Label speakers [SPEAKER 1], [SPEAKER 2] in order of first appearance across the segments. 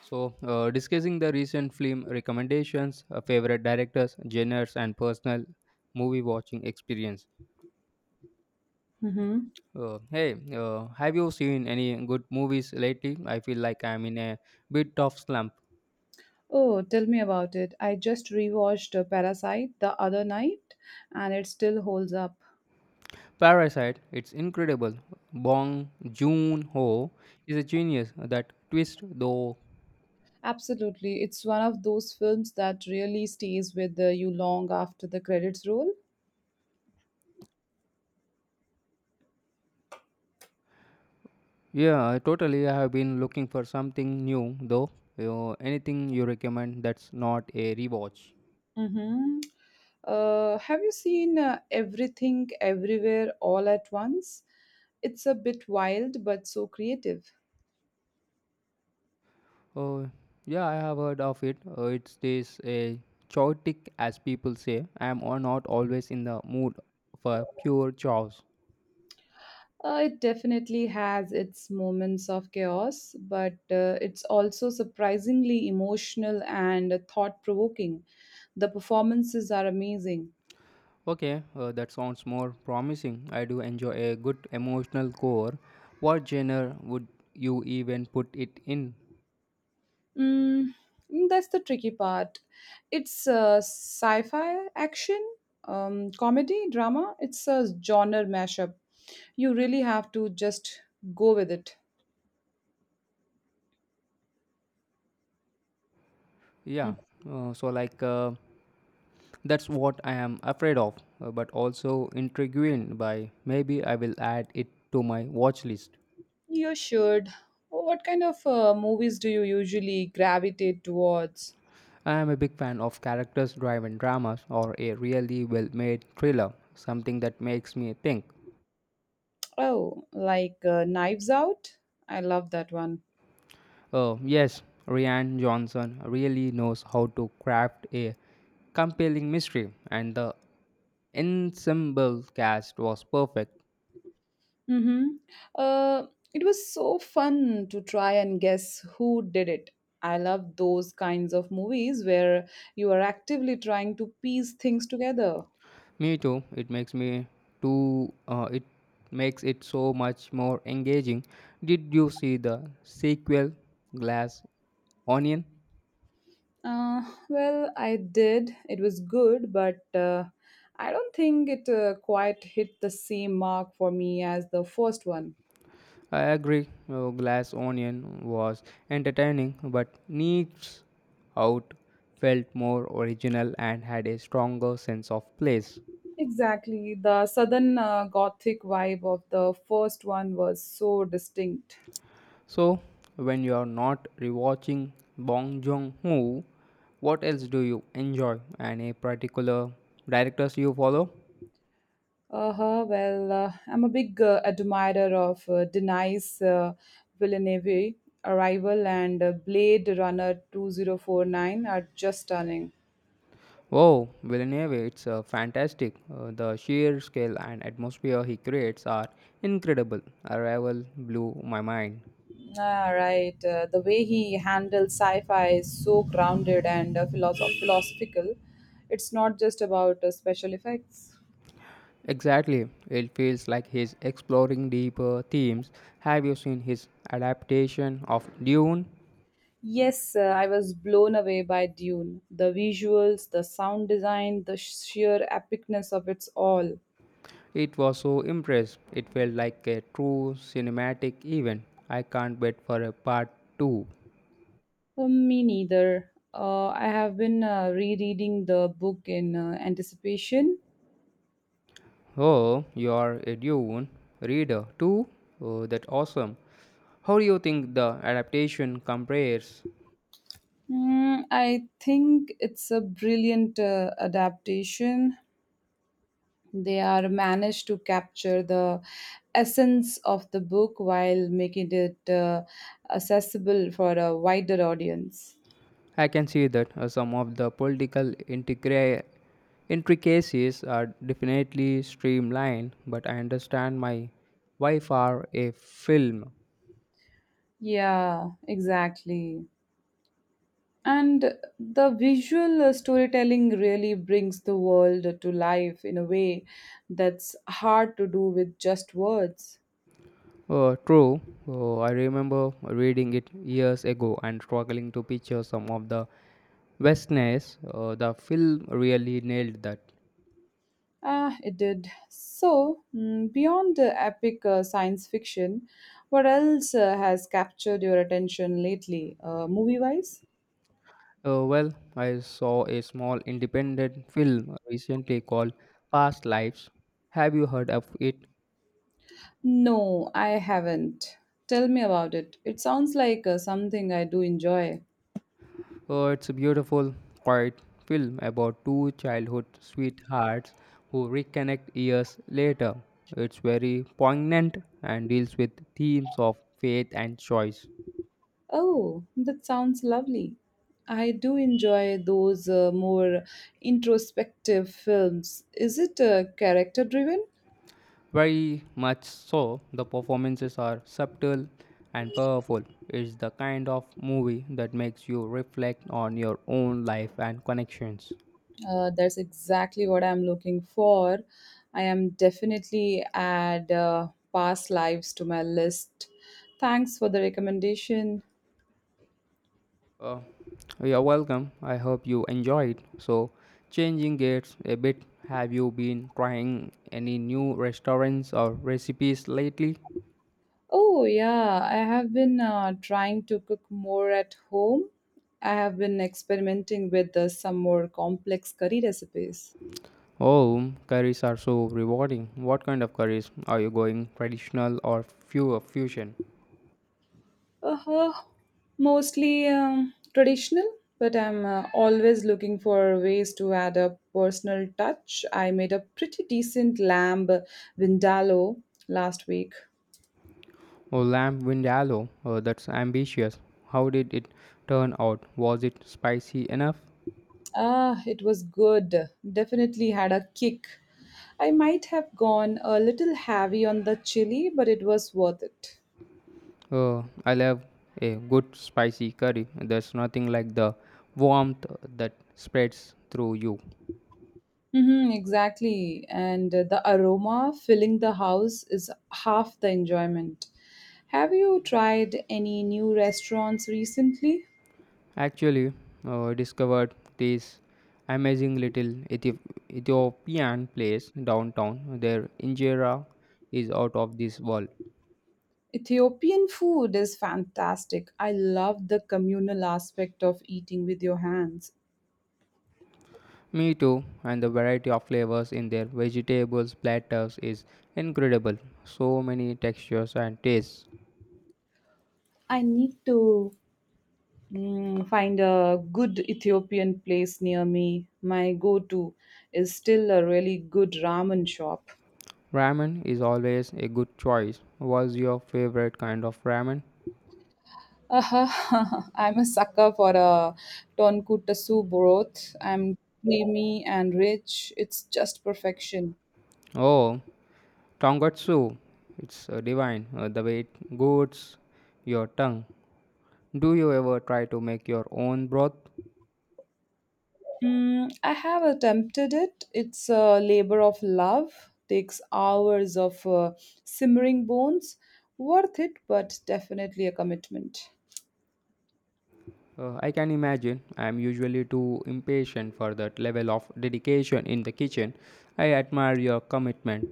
[SPEAKER 1] So, discussing the recent film recommendations, favorite directors, genres, and personal movie watching experience.
[SPEAKER 2] Mm-hmm.
[SPEAKER 1] Hey, have you seen any good movies lately? I feel like I'm in a bit of slump.
[SPEAKER 2] Oh, tell me about it. I just rewatched Parasite the other night and it still holds up.
[SPEAKER 1] Parasite, it's incredible. Bong Joon-ho is a genius. That twist, though.
[SPEAKER 2] Absolutely. It's one of those films that really stays with you long after the credits roll.
[SPEAKER 1] Yeah, totally. I totally have been looking for something new, though. You Anything you recommend that's not a rewatch?
[SPEAKER 2] Mm-hmm. Have you seen Everything Everywhere All at Once? It's a bit wild but so creative.
[SPEAKER 1] Oh, yeah, I have heard of it. It's this a chaotic, as people say. I'm or not always in the mood for pure chaos.
[SPEAKER 2] It definitely has its moments of chaos, but it's also surprisingly emotional and thought provoking. The performances are amazing.
[SPEAKER 1] Okay, that sounds more promising. I do enjoy a good emotional core. What genre would you even put it in?
[SPEAKER 2] Mm, that's the tricky part. It's sci fi action, comedy, drama. It's a genre mashup. You really have to just go with it.
[SPEAKER 1] Yeah,
[SPEAKER 2] Mm.
[SPEAKER 1] so like that's what I am afraid of, but also intriguing by. Maybe I will add it to my watch list.
[SPEAKER 2] You should. What kind of movies do you usually gravitate towards?
[SPEAKER 1] I am a big fan of characters driven dramas or a really well made thriller, something that makes me think.
[SPEAKER 2] Oh, like Knives Out? I love that one.
[SPEAKER 1] Oh, yes, Rian Johnson really knows how to craft a compelling mystery, and the ensemble cast was perfect.
[SPEAKER 2] Mm-hmm. Uh, it was so fun to try and guess who did it. I love those kinds of movies where you are actively trying to piece things together.
[SPEAKER 1] Me too, it makes it so much more engaging. Did you see the sequel, Glass Onion?
[SPEAKER 2] Uh, well, I did. It was good, but I don't think it quite hit the same mark for me as the first one.
[SPEAKER 1] I agree, Glass Onion was entertaining, but Needs Out felt more original and had a stronger sense of place.
[SPEAKER 2] Exactly. The southern gothic vibe of the first one was so distinct.
[SPEAKER 1] So, when you are not rewatching Bong Joon Ho, what else do you enjoy? Any particular directors you follow?
[SPEAKER 2] Uh-huh. Well, I'm a big admirer of Denise Villeneuve, Arrival, and Blade Runner 2049 are just stunning.
[SPEAKER 1] Wow, Villeneuve, it's fantastic. The sheer scale and atmosphere he creates are incredible. Arrival blew my mind.
[SPEAKER 2] Ah, right. The way he handles sci fi is so grounded and philosophical. It's not just about special effects.
[SPEAKER 1] Exactly. It feels like he's exploring deeper themes. Have you seen his adaptation of Dune?
[SPEAKER 2] Yes, I was blown away by Dune. The visuals, the sound design, the sheer epicness of it all.
[SPEAKER 1] It was so impressed. It felt like a true cinematic event. I can't wait for a part 2.
[SPEAKER 2] Me neither. I have been rereading the book in anticipation.
[SPEAKER 1] Oh, you're a Dune reader too? Oh, that's awesome. How do you think the adaptation compares?
[SPEAKER 2] I think it's a brilliant adaptation. They are managed to capture the essence of the book while making it accessible for a wider audience.
[SPEAKER 1] I can see that some of the political intricacies are definitely streamlined, but I understand my wife are a film.
[SPEAKER 2] Yeah, exactly. And the visual storytelling really brings the world to life in a way that's hard to do with just words.
[SPEAKER 1] True, I remember reading it years ago and struggling to picture some of the vastness. The film really nailed that.
[SPEAKER 2] Ah, it did. So, beyond the epic science fiction, what else has captured your attention lately, movie wise?
[SPEAKER 1] Well, I saw a small independent film recently called Past Lives. Have you heard of it?
[SPEAKER 2] No, I haven't. Tell me about it. It sounds like something I do enjoy.
[SPEAKER 1] Oh, it's a beautiful, quiet film about two childhood sweethearts who reconnect years later. It's very poignant and deals with themes of faith and choice.
[SPEAKER 2] Oh, that sounds lovely. I do enjoy those more introspective films. Is it character driven?
[SPEAKER 1] Very much so, the performances are subtle and powerful. It's the kind of movie that makes you reflect on your own life and connections.
[SPEAKER 2] That's exactly what I'm looking for. I am definitely add past lives to my list. Thanks for the recommendation.
[SPEAKER 1] Uh, you're welcome. I hope you enjoyed. So, changing gears a bit, have you been trying any new restaurants or recipes lately?
[SPEAKER 2] Oh yeah, I have been trying to cook more at home. I have been experimenting with some more complex curry recipes.
[SPEAKER 1] Oh, curries are so rewarding. What kind of curries are you going traditional or few fusion?
[SPEAKER 2] Uh, Mostly traditional, but I'm always looking for ways to add a personal touch. I made a pretty decent lamb vindaloo last week.
[SPEAKER 1] Oh, lamb vindaloo. Oh, that's ambitious. How did it turn out? Was it spicy enough?
[SPEAKER 2] Ah, it was good. Definitely had a kick. I might have gone a little heavy on the chili, but it was worth it.
[SPEAKER 1] Oh, I love a good spicy curry. There's nothing like the warmth that spreads through you.
[SPEAKER 2] Mm-hmm, exactly. And the aroma filling the house is half the enjoyment. Have you tried any new restaurants recently?
[SPEAKER 1] Actually, discovered this amazing little Ethiopian place downtown. Their injera is out of this world.
[SPEAKER 2] Ethiopian food is fantastic. I love the communal aspect of eating with your hands.
[SPEAKER 1] Me too, and the variety of flavors in their vegetables platters is incredible. So many textures and tastes.
[SPEAKER 2] I need to find a good Ethiopian place near me. My go to is still a really good ramen shop.
[SPEAKER 1] Ramen is always a good choice. What's your favorite kind of ramen?
[SPEAKER 2] Uh-huh. I'm a sucker for a tonkatsu broth. I'm creamy and rich. It's just perfection.
[SPEAKER 1] Oh, tonkatsu. It's divine. The way it goes your tongue. Do you ever try to make your own broth?
[SPEAKER 2] I have attempted it. It's a labor of love. Takes hours of simmering bones. Worth it, but definitely a commitment.
[SPEAKER 1] I can imagine. I am usually too impatient for that level of dedication in the kitchen. I admire your commitment.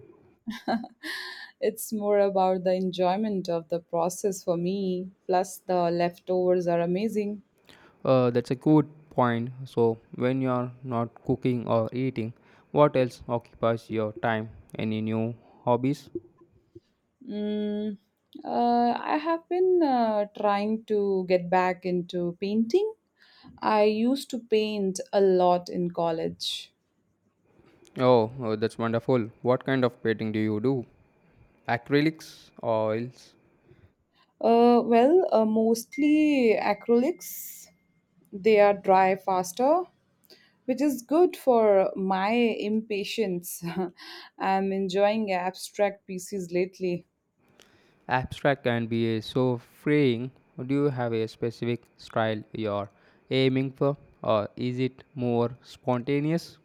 [SPEAKER 2] It's more about the enjoyment of the process for me. Plus, the leftovers are amazing.
[SPEAKER 1] That's a good point. So, when you're not cooking or eating, what else occupies your time? Any new hobbies?
[SPEAKER 2] Mm, uh, I have been trying to get back into painting. I used to paint a lot in college.
[SPEAKER 1] Oh, oh, that's wonderful. What kind of painting do you do? Acrylics, oils,
[SPEAKER 2] Well, mostly acrylics. They are dry faster, which is good for my impatience. I'm enjoying abstract pieces lately.
[SPEAKER 1] abstract can be so freeing. Do you have a specific style you're aiming for, or is it more spontaneous?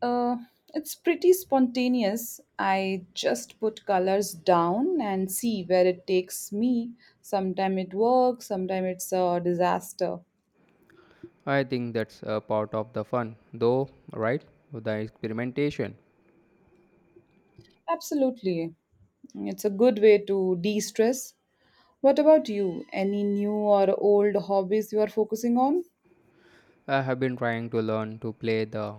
[SPEAKER 2] Uh, it's pretty spontaneous. I just put colors down and see where it takes me. Sometimes it works, sometimes it's a disaster.
[SPEAKER 1] I think that's a part of the fun, though, right? The experimentation.
[SPEAKER 2] Absolutely. It's a good way to de stress. What about you? Any new or old hobbies you are focusing on?
[SPEAKER 1] I have been trying to learn to play the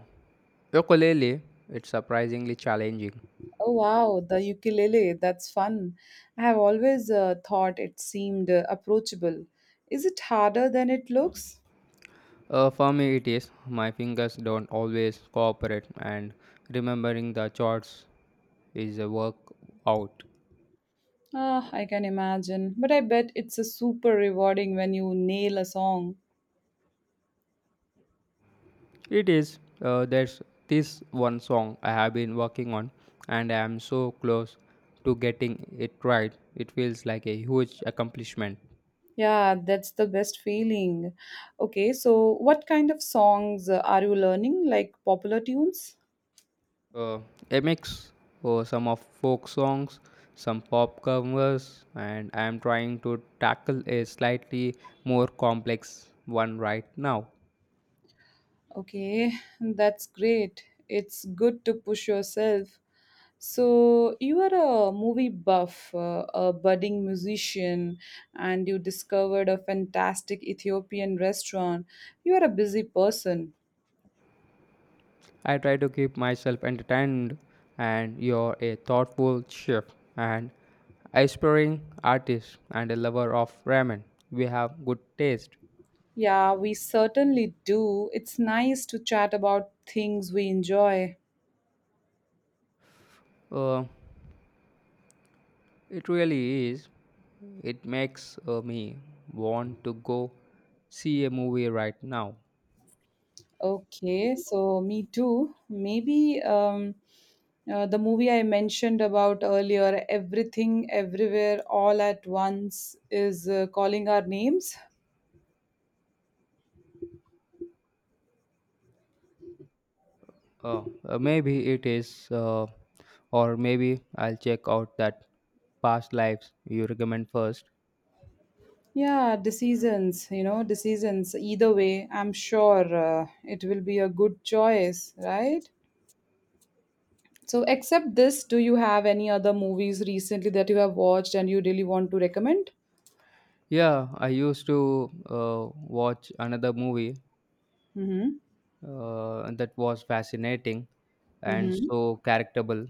[SPEAKER 1] ukulele. It's surprisingly challenging.
[SPEAKER 2] Oh, wow, the ukulele. That's fun. I have always thought it seemed approachable. Is it harder than it looks?
[SPEAKER 1] For me, it is. My fingers don't always cooperate, and remembering the chords is a workout.
[SPEAKER 2] Ah, I can imagine. But I bet it's a super rewarding when you nail a song.
[SPEAKER 1] It is. There's this one song I have been working on, and I am so close to getting it right. It feels like a huge accomplishment.
[SPEAKER 2] Yeah, that's the best feeling. Okay, so what kind of songs are you learning? Like popular tunes?
[SPEAKER 1] Uh, a mix of some of folk songs, some pop covers, and I am trying to tackle a slightly more complex one right now.
[SPEAKER 2] Okay, that's great. It's good to push yourself. So, you are a movie buff, a budding musician, and you discovered a fantastic Ethiopian restaurant. You are a busy person.
[SPEAKER 1] I try to keep myself entertained, and you're a thoughtful chef, an aspiring artist, and a lover of ramen. We have good taste.
[SPEAKER 2] Yeah, we certainly do. It's nice to chat about things we enjoy.
[SPEAKER 1] Uh, it really is. It makes me want to go see a movie right now.
[SPEAKER 2] Okay, so me too. Maybe the movie I mentioned about earlier, Everything Everywhere All at Once, is calling our names.
[SPEAKER 1] Maybe it is, or maybe I'll check out that Past Lives you recommend first.
[SPEAKER 2] Yeah, decisions, you know, decisions. Either way, I'm sure it will be a good choice, right? So, except this, do you have any other movies recently that you have watched and you really want to recommend?
[SPEAKER 1] Yeah, I used to watch another movie
[SPEAKER 2] Mm-hmm.
[SPEAKER 1] that was fascinating and
[SPEAKER 2] Mm-hmm.
[SPEAKER 1] so characterable.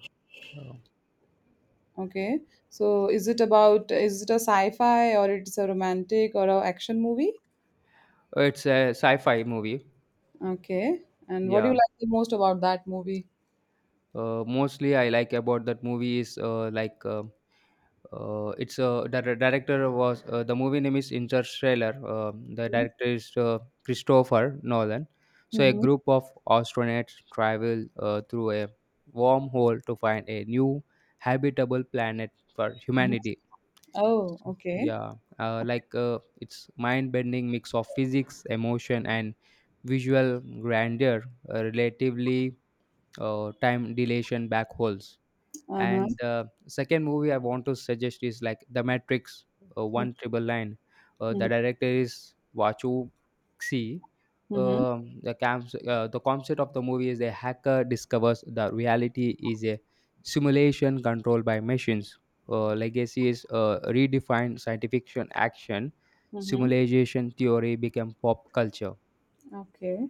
[SPEAKER 1] Uh,
[SPEAKER 2] Okay. So is it about is it a sci-fi or it's a romantic or a action movie?
[SPEAKER 1] it's a sci-fi movie.
[SPEAKER 2] Okay. And what do
[SPEAKER 1] Yeah.
[SPEAKER 2] you like the most about that movie?
[SPEAKER 1] Mostly I like about that movie is it's a director was, the movie name is Interstellar. The director is Christopher Nolan. So a
[SPEAKER 2] Mm-hmm.
[SPEAKER 1] group of astronauts travel through a wormhole to find a new habitable planet for
[SPEAKER 2] Hmm.
[SPEAKER 1] humanity.
[SPEAKER 2] Oh, okay.
[SPEAKER 1] Yeah, it's mind-bending mix of physics emotion and visual grandeur, relatively, time dilation back holes.
[SPEAKER 2] Uh-huh.
[SPEAKER 1] And the second movie I want to suggest is like the Matrix, one triple line. The
[SPEAKER 2] Mm-hmm.
[SPEAKER 1] director is wachu xi.
[SPEAKER 2] Mm-hmm.
[SPEAKER 1] The camps, the concept of the movie is a hacker discovers that reality is a simulation controlled by machines. Legacy is redefined science fiction action.
[SPEAKER 2] Mm-hmm.
[SPEAKER 1] Simulation theory became pop culture.
[SPEAKER 2] Okay.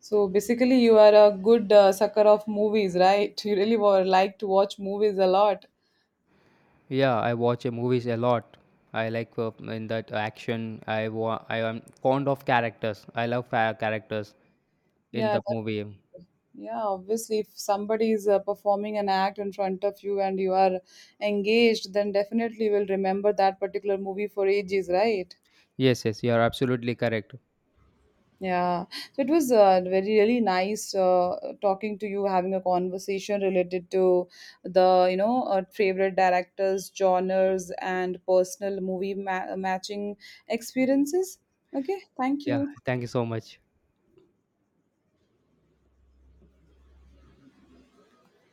[SPEAKER 2] So basically you are a good sucker of movies, right? You really were, like to watch movies a lot.
[SPEAKER 1] Yeah, I watch movies a lot. I like in that action. I am fond of characters. I love characters in
[SPEAKER 2] Yeah,
[SPEAKER 1] the movie.
[SPEAKER 2] definitely. Yeah. Obviously, if somebody is performing an act in front of you and you are engaged, then definitely will remember that particular movie for ages, right?
[SPEAKER 1] Yes, yes, you are absolutely correct.
[SPEAKER 2] Yeah. So it was very really nice talking to you, having a conversation related to the you know favorite directors, genres, and personal matching experiences. Okay, thank
[SPEAKER 1] Yeah,
[SPEAKER 2] you.
[SPEAKER 1] thank you so much.